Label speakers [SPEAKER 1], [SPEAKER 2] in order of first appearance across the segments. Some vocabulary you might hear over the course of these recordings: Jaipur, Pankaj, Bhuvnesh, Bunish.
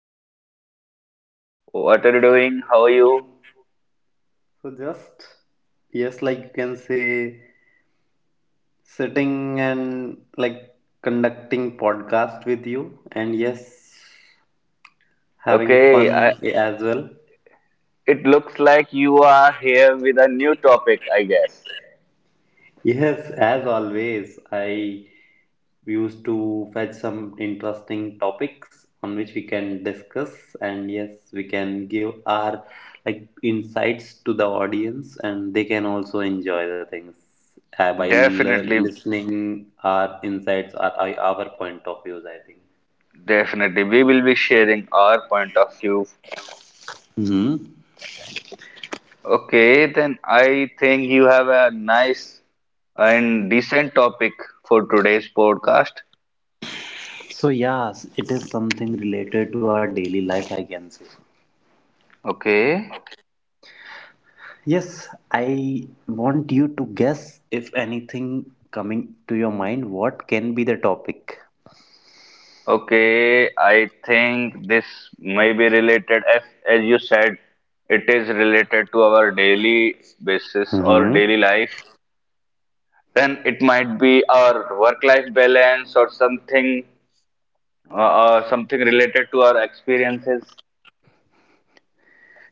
[SPEAKER 1] Hello Pankaj, what are you doing? How are you?
[SPEAKER 2] So just yes, like you can say, sitting and like conducting podcast with you, and yes, having
[SPEAKER 1] Okay,
[SPEAKER 2] fun as well.
[SPEAKER 1] it looks like you are here with a new topic, I guess.
[SPEAKER 2] Yes, as always, I we used to fetch some interesting topics on which we can discuss, and yes we can give our like insights to the audience, and they can also enjoy the things by
[SPEAKER 1] Definitely,
[SPEAKER 2] listening our insights or our point of views, I think.
[SPEAKER 1] definitely. We will be sharing our point of view.
[SPEAKER 2] Hmm.
[SPEAKER 1] Okay, then I think you have a nice and decent topic for today's podcast.
[SPEAKER 2] So yes, it is something related to our daily life, I can say.
[SPEAKER 1] Okay.
[SPEAKER 2] Yes, I want you to guess if anything coming to your mind, what can be the topic?
[SPEAKER 1] Okay, I think this may be related, as you said, it is related to our daily basis or
[SPEAKER 2] Hmm.
[SPEAKER 1] daily life. Then it might be our work-life balance or something related to our experiences.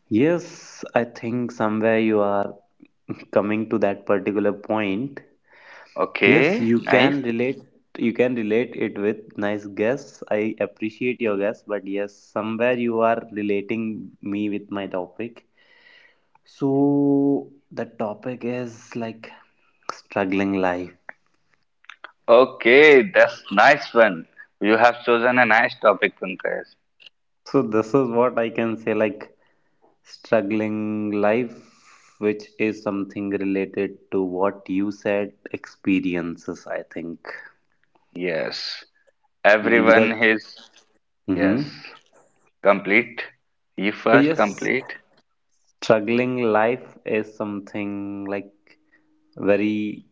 [SPEAKER 2] Yes, I think somewhere you are coming to that particular point. Yes,
[SPEAKER 1] Okay,
[SPEAKER 2] you
[SPEAKER 1] nice.
[SPEAKER 2] can relate you can relate it with nice guess. I appreciate your guess, but yes, somewhere you are relating me with my topic. So the topic is like struggling life.
[SPEAKER 1] Okay, that's nice one. You have chosen a nice topic, Pankaj.
[SPEAKER 2] So this is what I can say, like struggling life, which is something related to what you said, experiences, I think.
[SPEAKER 1] Yes, everyone
[SPEAKER 2] Because.
[SPEAKER 1] is yes.
[SPEAKER 2] Mm-hmm.
[SPEAKER 1] Complete. You
[SPEAKER 2] So
[SPEAKER 1] first
[SPEAKER 2] yes,
[SPEAKER 1] complete.
[SPEAKER 2] struggling life is something like very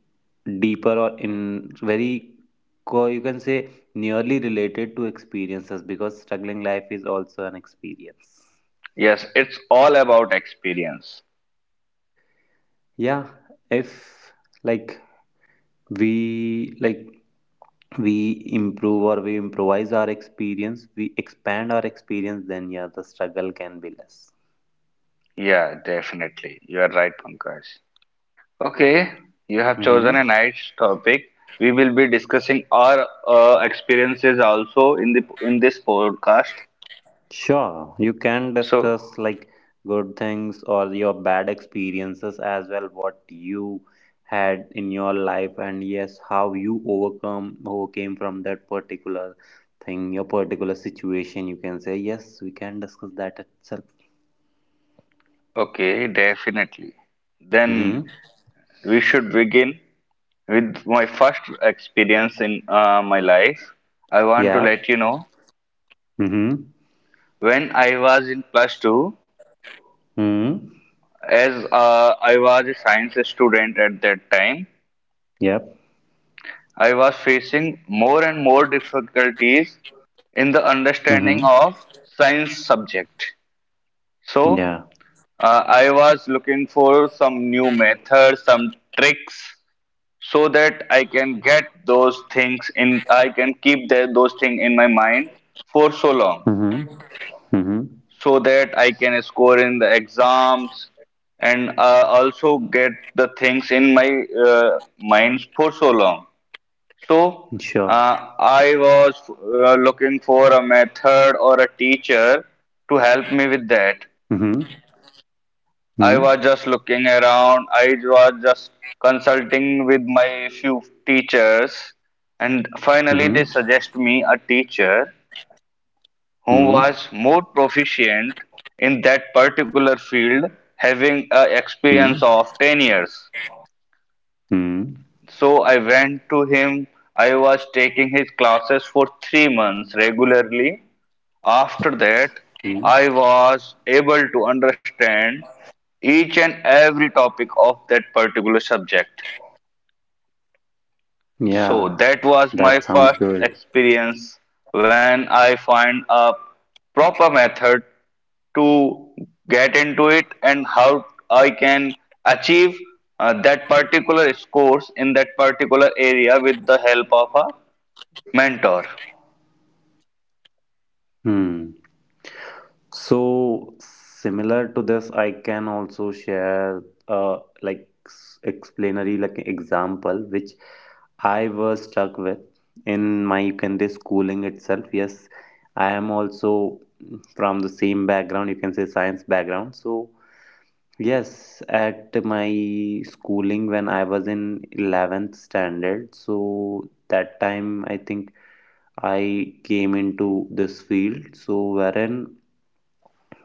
[SPEAKER 2] deeper or in very you can say nearly related to experiences, because struggling life is also an experience.
[SPEAKER 1] Yes, it's all about experience.
[SPEAKER 2] Yeah, if like we like we improve or we improvise our experience, we expand our experience, then yeah, the struggle can be less.
[SPEAKER 1] Yeah, definitely. You are right, Pankaj. Okay, you have chosen a
[SPEAKER 2] Mm-hmm.
[SPEAKER 1] nice topic. We will be discussing our experiences also in the in this podcast.
[SPEAKER 2] Sure, you can
[SPEAKER 1] So,
[SPEAKER 2] discuss like good things or your bad experiences as well, what you had in your life, and yes, how you overcome overcame from that particular thing, your particular situation. You can say yes, we can discuss that itself.
[SPEAKER 1] okay, definitely. Then
[SPEAKER 2] Mm-hmm.
[SPEAKER 1] we should begin with my first experience in my life. I want to
[SPEAKER 2] Yep.
[SPEAKER 1] let you know
[SPEAKER 2] Mm-hmm.
[SPEAKER 1] when I was in plus two,
[SPEAKER 2] Mm-hmm.
[SPEAKER 1] as I was a science student at that time.
[SPEAKER 2] Yep.
[SPEAKER 1] I was facing more and more difficulties in the
[SPEAKER 2] Mm-hmm.
[SPEAKER 1] understanding of science subject.
[SPEAKER 2] Yeah.
[SPEAKER 1] So I was looking for some new methods, some tricks, so that I can get those things in. I can keep those things in my mind for so long,
[SPEAKER 2] Mm-hmm. Mm-hmm.
[SPEAKER 1] so that I can score in the exams and also get the things in my mind for so long. So,
[SPEAKER 2] Sure.
[SPEAKER 1] I was looking for a method or a teacher to help me
[SPEAKER 2] Mm-hmm.
[SPEAKER 1] with that.
[SPEAKER 2] Mm-hmm.
[SPEAKER 1] I was just looking around, I was just consulting with my few teachers, and
[SPEAKER 2] Mm-hmm.
[SPEAKER 1] finally they suggest me a teacher
[SPEAKER 2] Mm-hmm.
[SPEAKER 1] who was more proficient in that particular field, having a experience of 10 years.
[SPEAKER 2] Mm-hmm.
[SPEAKER 1] So I went to him. I was taking his classes for 3 months regularly. After that,
[SPEAKER 2] Mm-hmm.
[SPEAKER 1] I was able to understand each and every topic of that particular subject.
[SPEAKER 2] Yeah,
[SPEAKER 1] So
[SPEAKER 2] that
[SPEAKER 1] that
[SPEAKER 2] sounds
[SPEAKER 1] was
[SPEAKER 2] good.
[SPEAKER 1] my first experience when I find a proper method to get into it and how I can achieve that particular scores in that particular area with the help of a mentor.
[SPEAKER 2] Hmm. So similar to this, I can also share uh like explanatory like example, which I was stuck with in my, you can say, schooling itself. Yes, I am also from the same background, you can say science background. So yes, at my schooling when I was in 11th standard, so that time I think I came into this field. So, wherein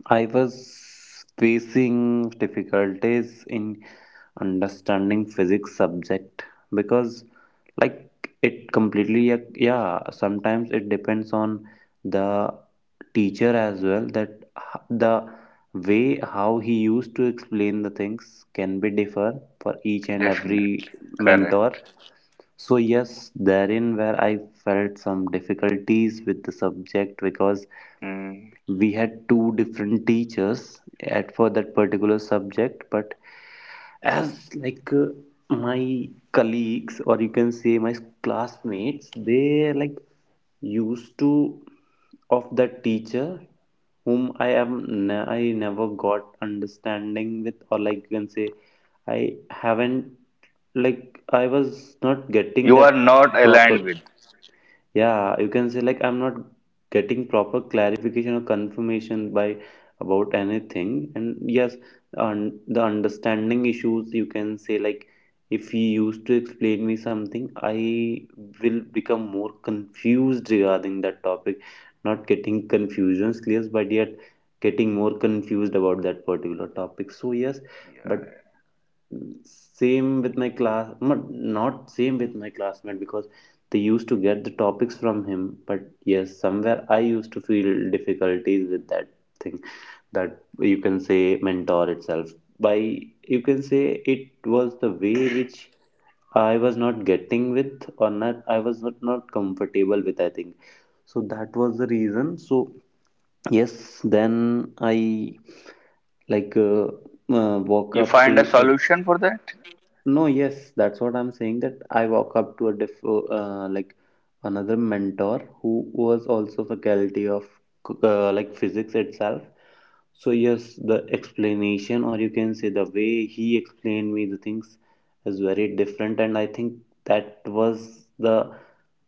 [SPEAKER 2] I was facing difficulties in understanding physics subject because, like, it completely, yeah, yeah, sometimes it depends on the teacher as well, that the way how he used to explain the things can be differ for each and
[SPEAKER 1] Definitely
[SPEAKER 2] every mentor.
[SPEAKER 1] correct.
[SPEAKER 2] So yes, therein where I felt some difficulties with the subject, because
[SPEAKER 1] Hmm.
[SPEAKER 2] we had two different teachers at for that particular subject. But as like my colleagues, or you can say my classmates, they like used to of that teacher whom I am I never got understanding with, or like you can say I haven't like I was not getting
[SPEAKER 1] You are
[SPEAKER 2] that
[SPEAKER 1] not
[SPEAKER 2] proper.
[SPEAKER 1] aligned with.
[SPEAKER 2] Yeah, you can say like I'm not getting proper clarification or confirmation by about anything. And yes, un the understanding issues, you can say, like, if he used to explain me something, I will become more confused regarding that topic. Not getting confusions clear, but yet getting more confused about that particular topic. So yes, but same with my class not, not same with my classmate, because they used to get the topics from him, but yes somewhere I used to feel difficulties with that thing, that you can say mentor itself, by, you can say, it was the way which I was not getting with, or not I was not comfortable with, I think. So that was the reason. So yes, then I like walk
[SPEAKER 1] You
[SPEAKER 2] up
[SPEAKER 1] find a
[SPEAKER 2] to a
[SPEAKER 1] solution for that.
[SPEAKER 2] no, yes, that's what I'm saying. That I walk up to a like another mentor who was also faculty of like physics itself. So yes, the explanation, or you can say the way he explained me the things, is very different, and I think that was the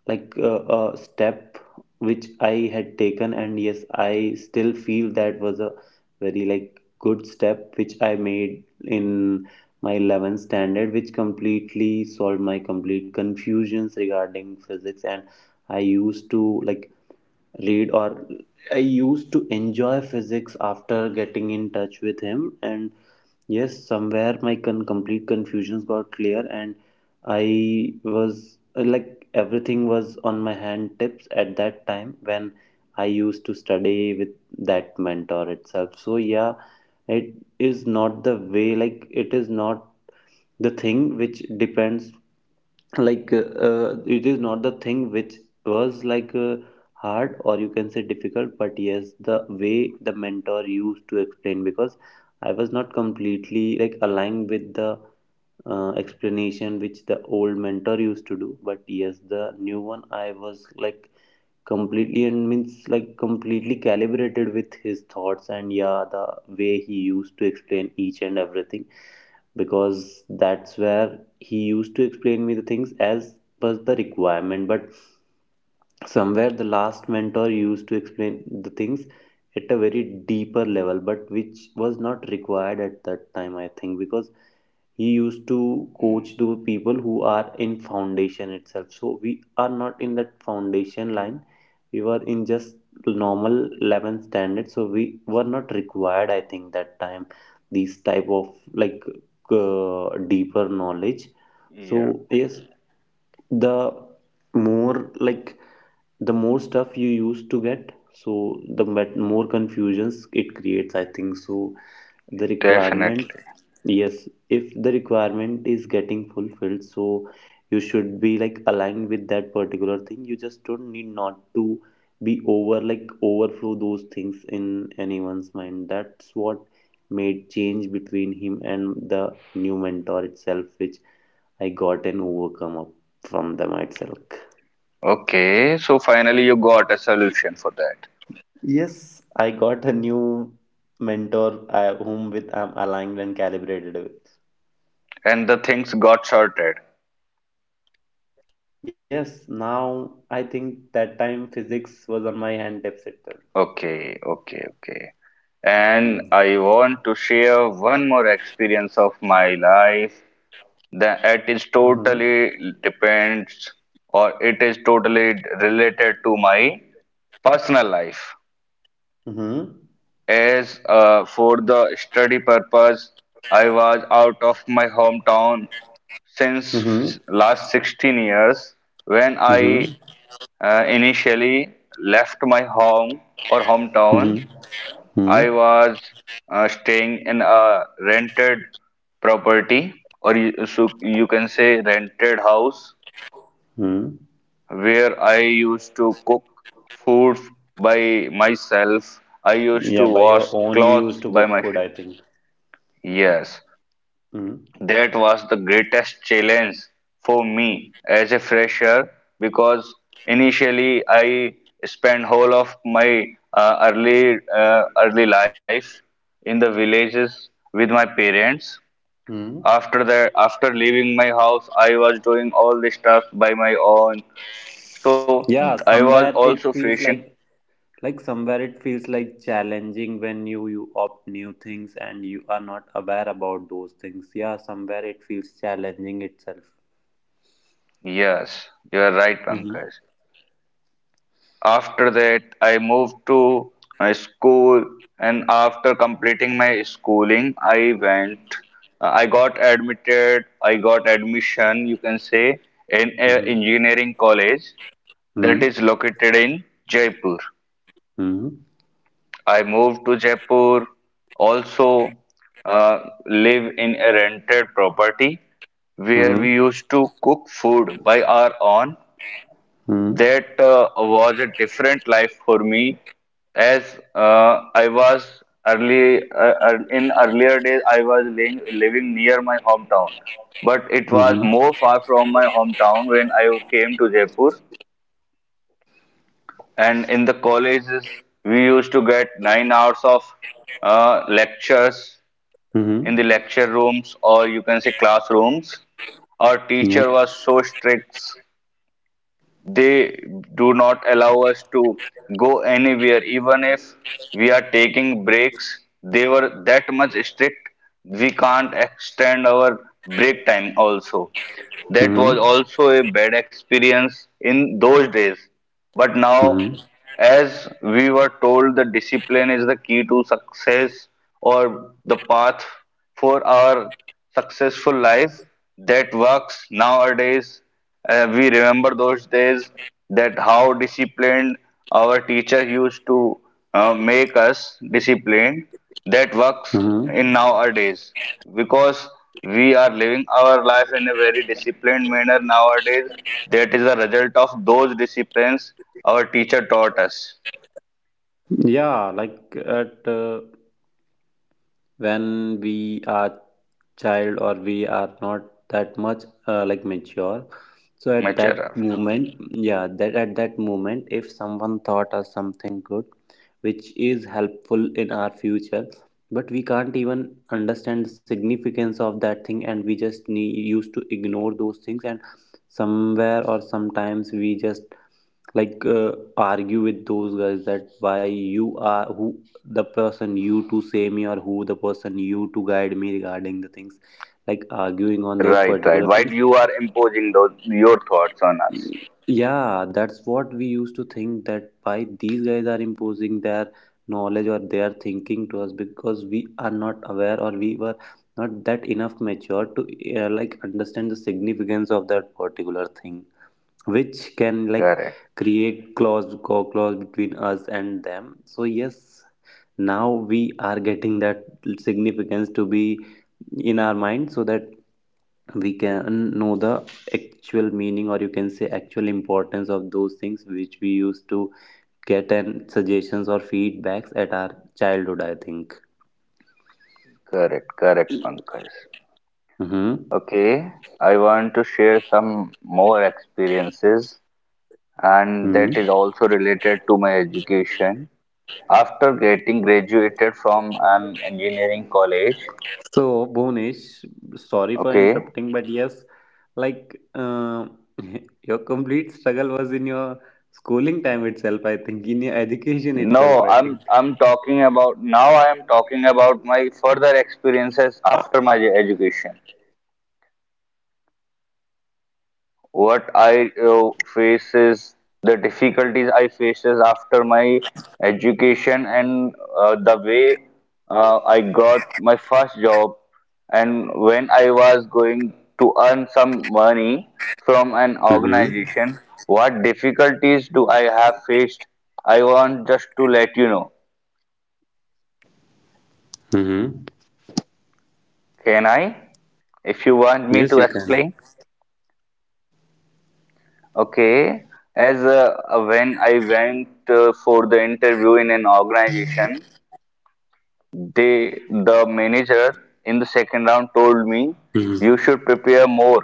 [SPEAKER 2] like step which I had taken, and yes, I still feel that was a very like good step which I made in my 11th standard, which completely solved my complete confusions regarding physics, and I used to like read, or I used to enjoy physics after getting in touch with him. And yes, somewhere my complete confusions got clear, and I was like everything was on my hand tips at that time when I used to study with that mentor itself. So yeah, it is not the way, like it is not the thing which depends, like it is not the thing which was like hard, or you can say difficult, but yes the way the mentor used to explain, because I was not completely like aligned with the explanation which the old mentor used to do, but yes the new one, I was like completely, and means like completely calibrated with his thoughts, and yeah the way he used to explain each and everything, because that's where he used to explain me the things as per the requirement. But somewhere the last mentor used to explain the things at a very deeper level, but which was not required at that time, I think, because he used to coach
[SPEAKER 1] Hmm.
[SPEAKER 2] the people who are in foundation itself. So we are not in that foundation line, we were in just normal 11th standard, so we were not required, I think, that time, these type of like deeper knowledge.
[SPEAKER 1] Yeah,
[SPEAKER 2] So yes, the more like the more stuff you used to get, so the more confusions it creates, I think. So the requirement.
[SPEAKER 1] definitely.
[SPEAKER 2] Yes, if the requirement is getting fulfilled, so you should be like aligned with that particular thing. You just don't need not to be over like overflow those things in anyone's mind. That's what made change between him and the new mentor itself, which I got and overcome up from them itself.
[SPEAKER 1] Okay, so finally you got a solution for that.
[SPEAKER 2] Yes, I got a new mentor whom with I'm aligned and calibrated with.
[SPEAKER 1] And the things got sorted.
[SPEAKER 2] Yes, now I think that time physics was on my hand deficit then.
[SPEAKER 1] Okay, okay, okay. And
[SPEAKER 2] Mm-hmm.
[SPEAKER 1] I want to share one more experience of my life that it is totally
[SPEAKER 2] Mm-hmm.
[SPEAKER 1] depends or it is totally related to my personal life. As for the study purpose, I was out of my hometown since last
[SPEAKER 2] Mm-hmm.
[SPEAKER 1] 16 years when I
[SPEAKER 2] Mm-hmm.
[SPEAKER 1] Initially left my home or hometown. I was
[SPEAKER 2] Mm-hmm.
[SPEAKER 1] staying in a rented property, so you can say rented house,
[SPEAKER 2] Mm-hmm.
[SPEAKER 1] where I used to cook food by myself. I used to
[SPEAKER 2] Yeah, by
[SPEAKER 1] wash
[SPEAKER 2] your own, you
[SPEAKER 1] clothes
[SPEAKER 2] used to
[SPEAKER 1] by
[SPEAKER 2] cook food,
[SPEAKER 1] myself.
[SPEAKER 2] I think.
[SPEAKER 1] Yes,
[SPEAKER 2] Mm-hmm.
[SPEAKER 1] that was the greatest challenge for me as a fresher because initially I spent whole of my early life in the villages with my parents.
[SPEAKER 2] Mm-hmm.
[SPEAKER 1] After that, after leaving my house, I was doing all the stuff by my own. So
[SPEAKER 2] Yeah,
[SPEAKER 1] I was
[SPEAKER 2] somewhere
[SPEAKER 1] also
[SPEAKER 2] it feels
[SPEAKER 1] facing.
[SPEAKER 2] like somewhere it feels like challenging when you opt new things and you are not aware about those things. Yeah, somewhere it feels challenging itself.
[SPEAKER 1] Yes, you are right,
[SPEAKER 2] Mm-hmm.
[SPEAKER 1] Pankaj. After that, I moved to a school, and after completing my schooling, I went, I got admission, you can say, in a engineering college that
[SPEAKER 2] Mm-hmm.
[SPEAKER 1] is located in Jaipur.
[SPEAKER 2] Mm-hmm.
[SPEAKER 1] I moved to Jaipur, also uh, live in a rented property where
[SPEAKER 2] Mm-hmm.
[SPEAKER 1] we used to cook food by our own. That was a different life for me as I was in earlier days I was living near my hometown, but it was
[SPEAKER 2] Mm-hmm.
[SPEAKER 1] more far from my hometown when I came to Jaipur. And in the colleges we used to get 9 hours of lectures in
[SPEAKER 2] Mm-hmm.
[SPEAKER 1] the lecture rooms, or you can say classrooms. Our teacher was
[SPEAKER 2] Yep.
[SPEAKER 1] so strict. They do not allow us to go anywhere, even if we are taking breaks. They were that much strict. We can't extend our break time also. That was
[SPEAKER 2] Mm-hmm.
[SPEAKER 1] also a bad experience in those days. But now,
[SPEAKER 2] Mm-hmm.
[SPEAKER 1] as we were told, the discipline is the key to success or the path for our successful life that works nowadays. We remember those days, that how disciplined our teacher used to make us disciplined, that works
[SPEAKER 2] Mm-hmm.
[SPEAKER 1] in nowadays, because we are living our life in a very disciplined manner nowadays. That is the result of those disciplines our teacher taught us.
[SPEAKER 2] Yeah, like at when we are child, or we are not that much like mature. So at
[SPEAKER 1] Much
[SPEAKER 2] that
[SPEAKER 1] error.
[SPEAKER 2] moment, yeah, that at that moment, if someone taught us something good, which is helpful in our future, but we can't even understand the significance of that thing, and we just used to ignore those things, and somewhere or sometimes we just like argue with those guys that why you are, who the person you to say me, or who the person you to guide me regarding the things, like arguing on those
[SPEAKER 1] Right, right,
[SPEAKER 2] particular
[SPEAKER 1] why do
[SPEAKER 2] things.
[SPEAKER 1] you are imposing those your thoughts on us?
[SPEAKER 2] Yeah, that's what we used to think, that why these guys are imposing their knowledge or their thinking to us, because we are not aware, or we were not that enough mature to like understand the significance of that particular thing, which can like
[SPEAKER 1] Correct,
[SPEAKER 2] create clause clause between us and them. So yes, now we are getting that significance to be in our mind, so that we can know the actual meaning, or you can say actual importance of those things which we used to get and suggestions or feedbacks at our childhood, I think.
[SPEAKER 1] correct, correct, Pankaj.
[SPEAKER 2] Mm-hmm.
[SPEAKER 1] Okay, I want to share some more experiences, and that is
[SPEAKER 2] Hmm.
[SPEAKER 1] also related to my education. After getting graduated from an engineering college,
[SPEAKER 2] So, Bonish, sorry for
[SPEAKER 1] okay.
[SPEAKER 2] interrupting, but yes, like your complete struggle was in your schooling time itself, I think, in your education itself,
[SPEAKER 1] No,
[SPEAKER 2] I
[SPEAKER 1] I'm
[SPEAKER 2] think.
[SPEAKER 1] I'm talking about, now I am talking about my further experiences after my education. What I face is the difficulties I faces after my education, and the way I got my first job, and when I was going to earn some money from an
[SPEAKER 3] Mm-hmm.
[SPEAKER 1] organization, what difficulties do I have faced? I want just to let you know.
[SPEAKER 3] Mm-hmm.
[SPEAKER 1] Can I? If you
[SPEAKER 3] Yes, you
[SPEAKER 1] want me
[SPEAKER 3] can.
[SPEAKER 1] to explain? Okay, as when I went for the interview in an organization, the manager in the second round told me,
[SPEAKER 3] Mm-hmm.
[SPEAKER 1] you should prepare more,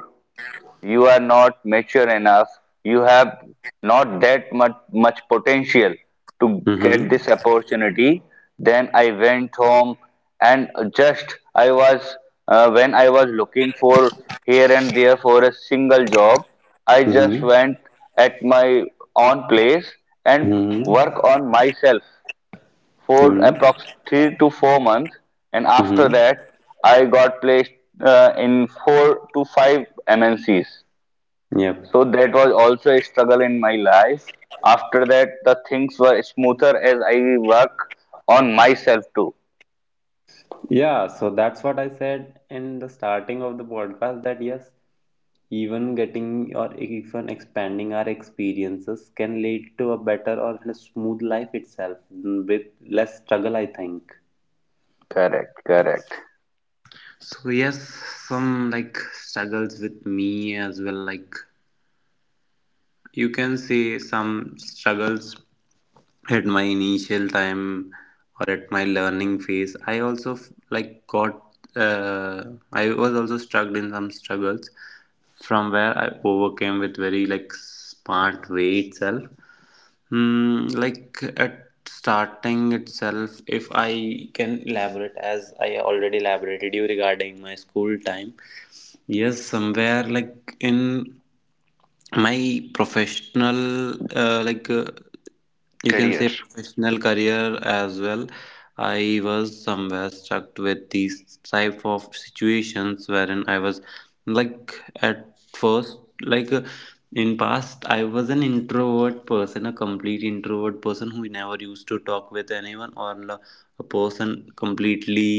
[SPEAKER 1] you are not mature enough, you have not that much potential to get this
[SPEAKER 3] Mm-hmm.
[SPEAKER 1] opportunity. Then I went home, and just I was, when I was looking for here and there for a single job, I just
[SPEAKER 3] Mm-hmm.
[SPEAKER 1] went at my own place, and
[SPEAKER 3] Mm-hmm.
[SPEAKER 1] work on myself for approx
[SPEAKER 3] Mm-hmm.
[SPEAKER 1] 3 to 4 months, and after that
[SPEAKER 3] Mm-hmm.
[SPEAKER 1] I got placed in 4 to 5 MNCs.
[SPEAKER 3] Yep.
[SPEAKER 1] So that was also a struggle in my life. After that, the things were smoother as I work on myself too.
[SPEAKER 3] Yeah, so that's what I said in the starting of the podcast that yes, even getting or even expanding our experiences can lead to a better or a smooth life itself with less struggle, I think.
[SPEAKER 1] Correct, correct.
[SPEAKER 3] So yes, some like struggles with me as well. Like you can say some struggles at my initial time or at my learning phase, I also like got, uh, I was also struck in some struggles from where I overcame with very like smart way itself, like at starting itself. If I can elaborate, as I already elaborated you regarding my school time, yes somewhere like in my professional you can say
[SPEAKER 1] Career.
[SPEAKER 3] professional career as well, I was somewhere stuck with these type of situations, wherein I was like at first, like in past I was an introvert person, a complete introvert person who never used to talk with anyone or a person completely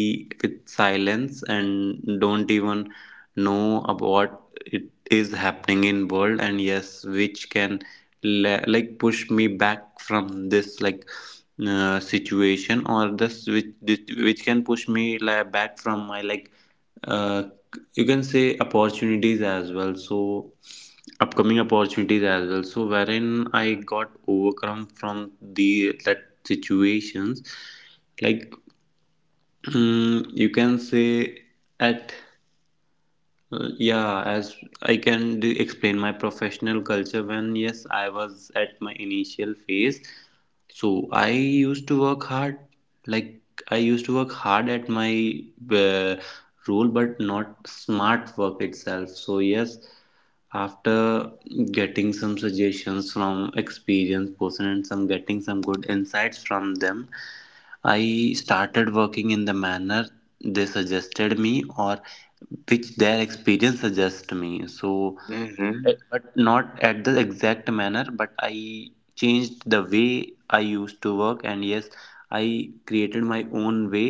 [SPEAKER 3] with silence and don't even know about it is happening in world. And yes, which can like push me back from this like, situation, or this, which can push me like back from my like, uh, you can say opportunities as well, so upcoming opportunities as well. So wherein I got overcome from the that situations, like, you can say at, yeah. As I can explain my professional culture, when, yes, I was at my initial phase. So I used to work hard, like I used to work hard at my, uh, role, but not smart work itself. So, yes, after getting some suggestions from experienced person and some getting some good insights from them, I started working in the manner they suggested me, or which their experience suggests me. So,
[SPEAKER 1] Mm-hmm.
[SPEAKER 3] eh, but not at the exact manner, but I changed the way I used to work. And yes, I created my own way,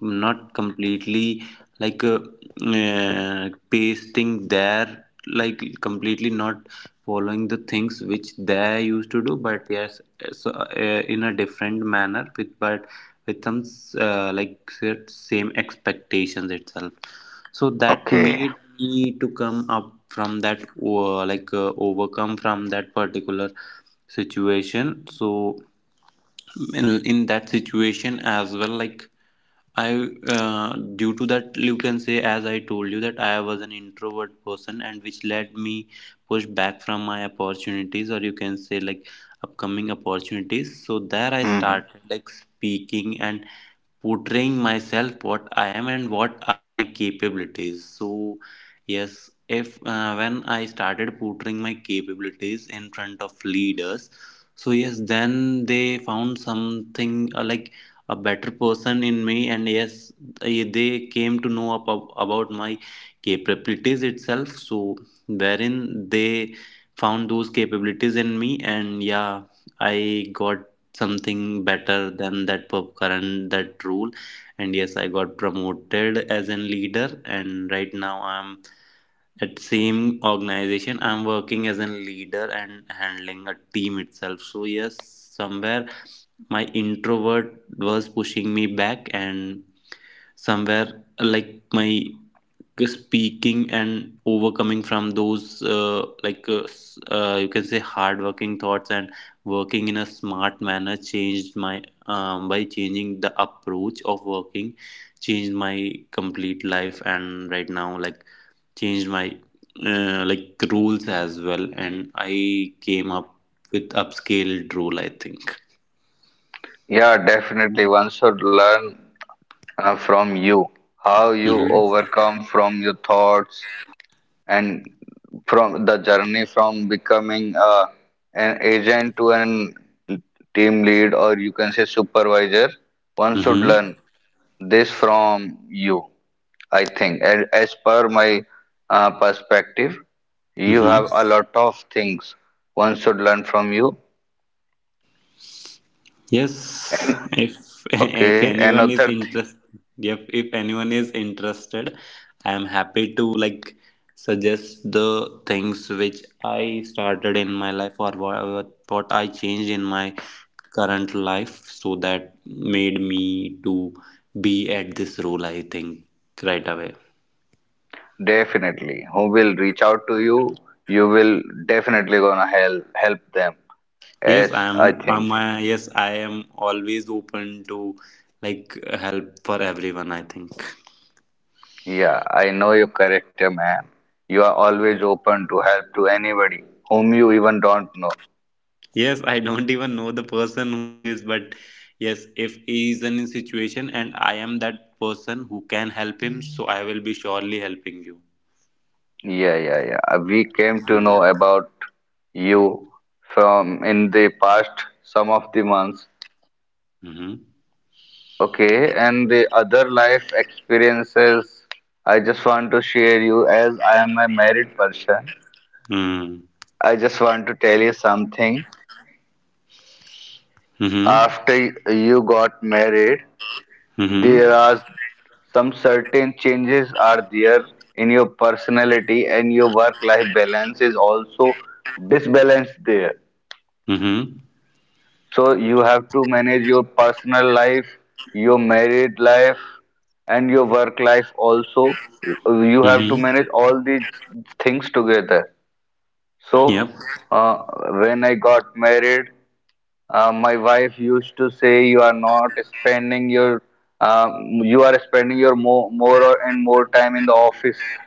[SPEAKER 3] not completely like, pasting there, like completely not following the things which they used to do, but yes, so, in a different manner, with but with some, like same expectations itself. So that
[SPEAKER 1] Okay.
[SPEAKER 3] made me to come up from that, overcome from that particular situation. So in that situation as well, like I, due to that, you can say, as I told you that I was an introvert person, and which led me push back from my opportunities, or you can say like upcoming opportunities. So there I
[SPEAKER 1] Mm-hmm.
[SPEAKER 3] started like speaking and portraying myself what I am and what are my capabilities. So yes, if when I started portraying my capabilities in front of leaders, so yes, then they found something, like a better person in me. And yes, eh, they came to know about my capabilities itself. So wherein they found those capabilities in me, and yeah, I got something better than that current, that rule. And yes, I got promoted as a leader, and right now I'm at same organization, I'm working as a leader and handling a team itself. So yes, somewhere my introvert was pushing me back, and somewhere like my speaking and overcoming from those, you can say hardworking thoughts, and working in a smart manner changed my, by changing the approach of working, changed my complete life. And right now like changed my, like rules as well, and I came up with upscaled rule, I think.
[SPEAKER 1] Yeah, definitely. One should learn from you how you
[SPEAKER 3] Mm-hmm.
[SPEAKER 1] overcome from your thoughts and from the journey from becoming an agent to an team lead, or you can say supervisor. One should
[SPEAKER 3] Mm-hmm.
[SPEAKER 1] learn this from you, I think. And as per my perspective, you
[SPEAKER 3] Mm-hmm.
[SPEAKER 1] have a lot of things one should learn from you.
[SPEAKER 3] Yes, if if
[SPEAKER 1] Okay,
[SPEAKER 3] anyone is
[SPEAKER 1] another thing,
[SPEAKER 3] interested, yep, if anyone is interested, I am happy to like suggest the things which I started in my life, or what I changed in my current life, so that made me to be at this role, I think, right away.
[SPEAKER 1] definitely, who will reach out to you, you will definitely gonna help them. As I think,
[SPEAKER 3] Yes, I am always open to like help for everyone, I think.
[SPEAKER 1] yeah, I know your character, man. You are always open to help to anybody whom you even don't know.
[SPEAKER 3] Yes, I don't even know the person who is, but yes, if he is in a situation and I am that person who can help him, so I will be surely helping you.
[SPEAKER 1] Yeah, yeah, yeah. We came to
[SPEAKER 3] Hmm.
[SPEAKER 1] know about you from in the past some of the months.
[SPEAKER 3] Mm-hmm.
[SPEAKER 1] Okay, and the other life experiences I just want to share you as I am a married person.
[SPEAKER 3] Hmm.
[SPEAKER 1] I just want to tell you something.
[SPEAKER 3] Mm-hmm.
[SPEAKER 1] After you got married,
[SPEAKER 3] Mm-hmm.
[SPEAKER 1] there
[SPEAKER 3] Mm-hmm.
[SPEAKER 1] are some certain changes are there in your personality, and your work life balance is also disbalanced there.
[SPEAKER 3] Mm-hmm.
[SPEAKER 1] So you have to manage your personal life, your married life, and your work life also. You have to
[SPEAKER 3] Mm-hmm.
[SPEAKER 1] manage all these things together.
[SPEAKER 3] Yep.
[SPEAKER 1] So uh, when I got married, my wife used to say, "You are not spending your, um, you are spending your more, and more time in the office.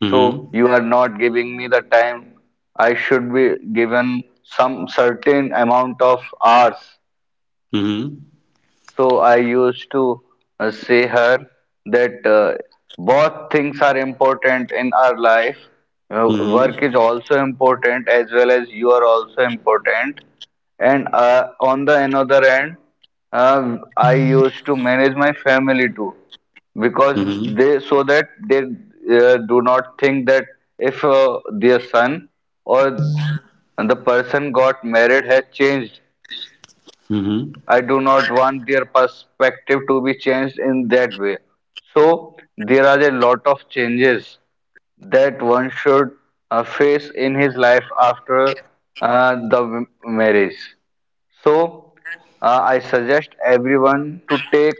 [SPEAKER 1] So
[SPEAKER 3] Mm-hmm.
[SPEAKER 1] you are not giving me the time I should be given some certain amount of hours."
[SPEAKER 3] Mm-hmm.
[SPEAKER 1] So I used to say her that both things are important in our life. Work
[SPEAKER 3] Mm-hmm.
[SPEAKER 1] is also important as well as you are also important. And on the another end, I used to manage my family too, because
[SPEAKER 3] Mm-hmm.
[SPEAKER 1] they so that they do not think that if their son or the person got married has changed.
[SPEAKER 3] Mm-hmm.
[SPEAKER 1] I do not want their perspective to be changed in that way. So, there are a lot of changes that one should face in his life after the marriage. So, I suggest everyone to take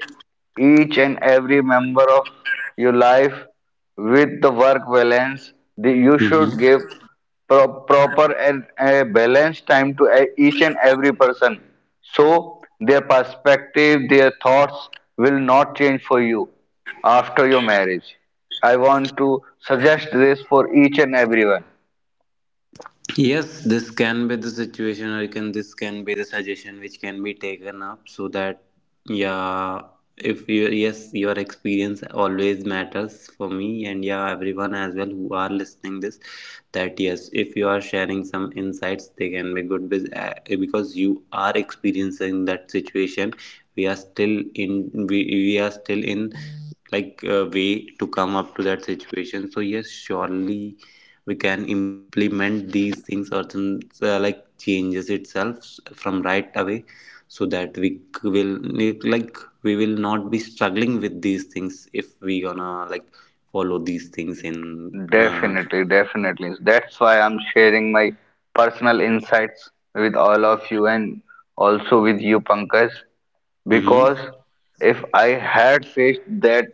[SPEAKER 1] each and every member of your life with the work balance. You should
[SPEAKER 3] Mm-hmm.
[SPEAKER 1] give proper and a balanced time to each and every person. So, their perspective, their thoughts will not change for you after your marriage. I want to suggest this for each and everyone.
[SPEAKER 3] Yes, this can be the situation, or can this can be the suggestion which can be taken up, so that yeah, if you, yes, your experience always matters for me, and yeah, everyone as well who are listening this. That yes, if you are sharing some insights, they can be good with, because you are experiencing that situation. We are still in, we are still in like a way to come up to that situation. So yes, surely we can implement these things, or some, like changes itself from right away, so that we will, like, we will not be struggling with these things if we gonna like follow these things in, uh,
[SPEAKER 1] Definitely, definitely. That's why I'm sharing my personal insights with all of you, and also with you, Pankaj.
[SPEAKER 3] mm-hmm,
[SPEAKER 1] Because if I had faced that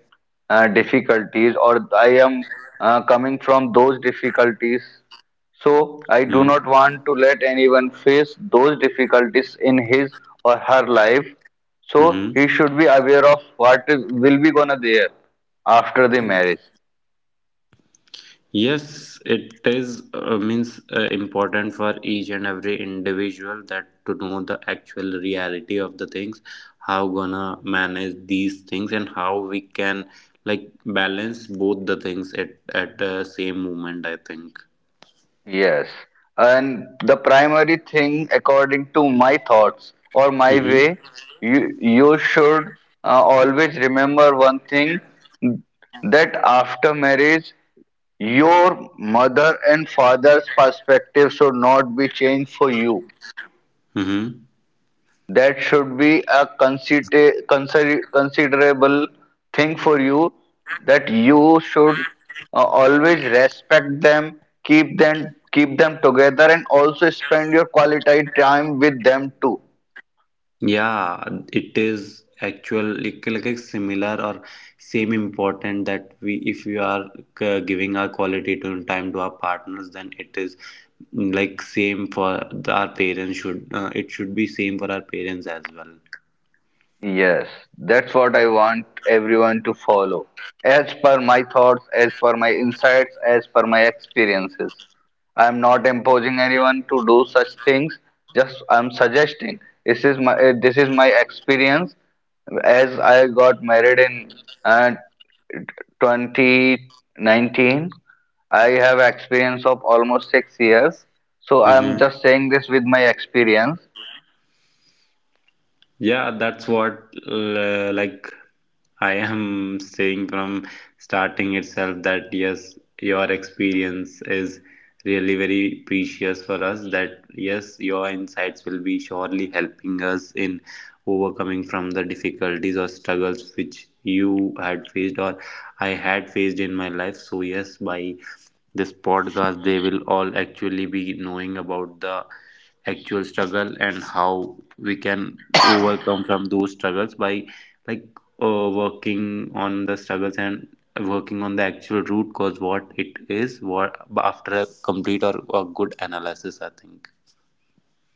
[SPEAKER 1] difficulties, or I am coming from those difficulties, so I do
[SPEAKER 3] mm-hmm,
[SPEAKER 1] not want to let anyone face those difficulties in his or her life. So
[SPEAKER 3] mm-hmm.
[SPEAKER 1] he should be aware of what is, will be gonna there after the marriage.
[SPEAKER 3] Yes, it is, means, important for each and every individual that to know the actual reality of the things, how gonna manage these things, and how we can like balance both the things at the same moment. I think.
[SPEAKER 1] Yes, and the primary thing, according to my thoughts or my
[SPEAKER 3] Mm-hmm.
[SPEAKER 1] way, you should always remember one thing, that after marriage, your mother and father's perspective should not be changed for you.
[SPEAKER 3] Mm-hmm.
[SPEAKER 1] That should be a considerable thing for you, that you should always respect them, keep them together, and also spend your quality time with them too.
[SPEAKER 3] Yeah, it is actually like, similar or same important that we, if we are, giving our quality to time to our partners, then it is, like same for the, our parents should, it should be same for our parents as well.
[SPEAKER 1] Yes, that's what I want everyone to follow. As per my thoughts, as per my insights, as per my experiences. I'm not imposing anyone to do such things. Just I'm suggesting. This is my experience. As I got married in uh, 2019, I have experience of almost 6 years. So I'm
[SPEAKER 3] Mhm.
[SPEAKER 1] just saying this with my experience.
[SPEAKER 3] Yeah, that's what, like I am saying from starting itself, that yes, your experience is really very precious for us. That yes, your insights will be surely helping us in overcoming from the difficulties or struggles which you had faced, or I had faced in my life. So yes, by this podcast they will all actually be knowing about the actual struggle and how we can overcome from those struggles by like, working on the struggles and working on the actual root cause, what it is, what after a complete or a good analysis, I think.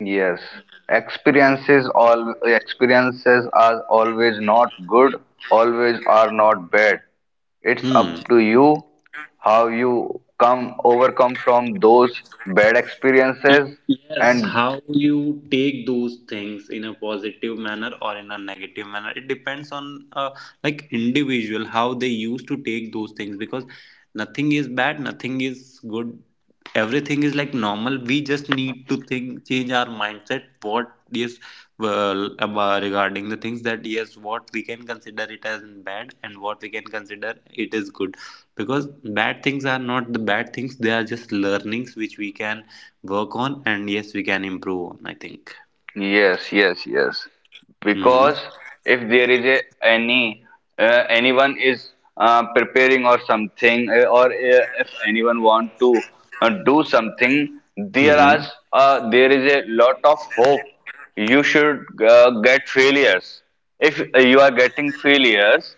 [SPEAKER 1] Yes, experiences all experiences are always not good, always are not bad. It's up to
[SPEAKER 3] Hmm.
[SPEAKER 1] you how you come overcome from those bad
[SPEAKER 3] And
[SPEAKER 1] experiences,
[SPEAKER 3] yes,
[SPEAKER 1] and
[SPEAKER 3] how you take those things in a positive manner or in a negative manner, it depends on, like individual how they used to take those things, because nothing is bad, nothing is good, everything is like normal. We just need to think, change our mindset. What yes, well, about regarding the things that yes, what we can consider it as bad and what we can consider it is good, because bad things are not the bad things; they are just learnings which we can work on, and yes, we can improve on, I think.
[SPEAKER 1] Yes, yes, yes. Because
[SPEAKER 3] Mm-hmm.
[SPEAKER 1] if there is any anyone is preparing or something, or if anyone want to do something, there is
[SPEAKER 3] Mm-hmm.
[SPEAKER 1] a lot of hope. You should get failures. If you are getting failures,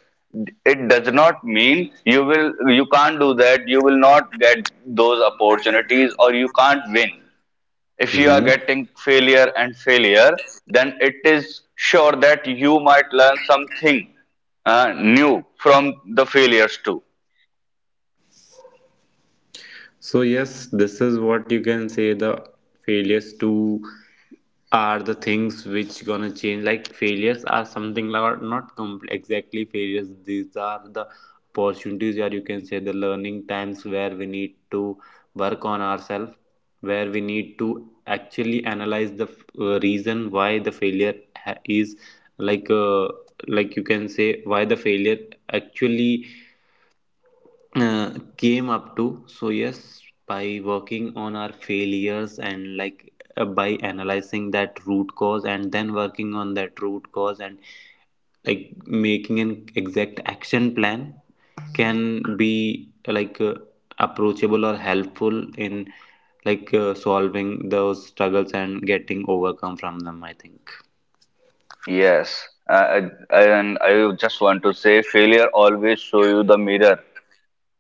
[SPEAKER 1] it does not mean you can't do that. You will not get those opportunities, or you can't win if you are
[SPEAKER 3] Mm-hmm.
[SPEAKER 1] getting failure and failure. Then it is sure that you might learn something new from the failures too.
[SPEAKER 3] So yes, this is what you can say, the failures to are the things which gonna change. Like failures are something like not exactly failures. These are the opportunities, or you can say the learning times where we need to work on ourselves, where we need to actually analyze the, reason why the failure is like, like you can say why the failure actually, came up to. So, yes, by working on our failures and like, by analyzing that root cause and then working on that root cause and like making an exact action plan, can be like, approachable or helpful in like, solving those struggles and getting overcome from them, I think.
[SPEAKER 1] Yes, and I just want to say failure always show you the mirror,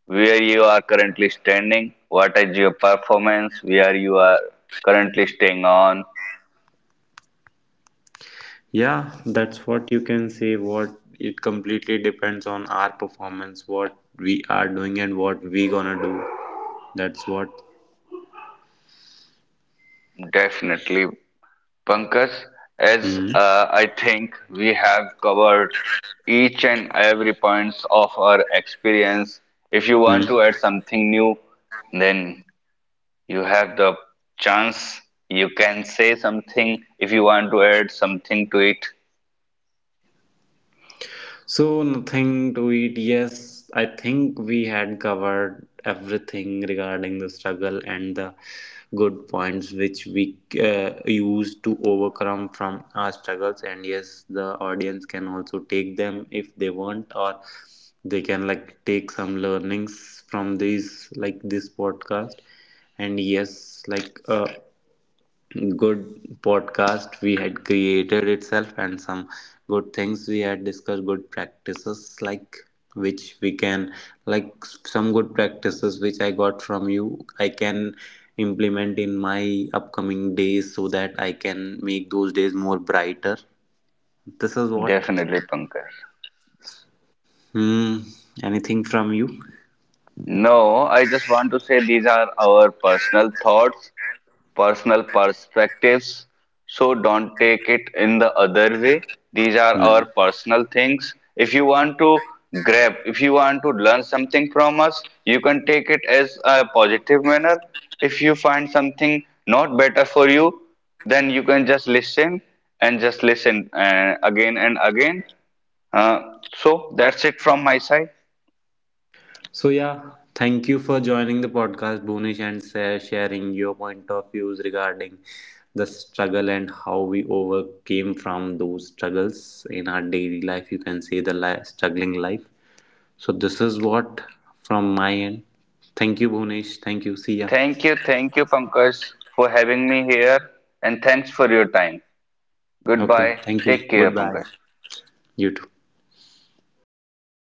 [SPEAKER 1] where you are currently standing, what is your performance, where you are currently staying on.
[SPEAKER 3] Yeah, that's what you can say. What, it completely depends on our performance, what we are doing, and what we gonna do. That's what.
[SPEAKER 1] Definitely, Pankaj, as
[SPEAKER 3] Hmm.
[SPEAKER 1] I think we have covered each and every points of our experience. If you want
[SPEAKER 3] Hmm.
[SPEAKER 1] to add something new, then you have the chance. You can say something if you want to add something to it.
[SPEAKER 3] So, nothing to it. Yes, I think we had covered everything regarding the struggle and the good points which we, use to overcome from our struggles. And yes, the audience can also take them if they want, or they can like take some learnings from these, like this podcast. And yes, like, good podcast we had created itself, and some good things we had discussed, good practices like which we can like, some good practices which I got from you, I can implement in my upcoming days, so that I can make those days more brighter. This is what.
[SPEAKER 1] Definitely, Pankaj.
[SPEAKER 3] Hmm. Anything from you.
[SPEAKER 1] No, I just want to say these are our personal thoughts, personal perspectives. So don't take it in the other way. These are
[SPEAKER 3] Hmm.
[SPEAKER 1] our personal things. If you want to grab, if you want to learn something from us, you can take it as a positive manner. If you find something not better for you, then you can just listen and just listen again and again. Uh, so that's it from my side.
[SPEAKER 3] So yeah, thank you for joining the podcast, Bunish, and sharing your point of views regarding the struggle and how we overcame from those struggles in our daily life. You can say the struggling life. So this is what from my end. Thank you, Bunish. Thank you. See ya.
[SPEAKER 1] Thank you, Pankaj, for having me here, and thanks for your time.
[SPEAKER 3] Okay.
[SPEAKER 1] Goodbye.
[SPEAKER 3] Thank you.
[SPEAKER 1] Take care,
[SPEAKER 3] Goodbye.
[SPEAKER 1] Pankaj.
[SPEAKER 3] You too.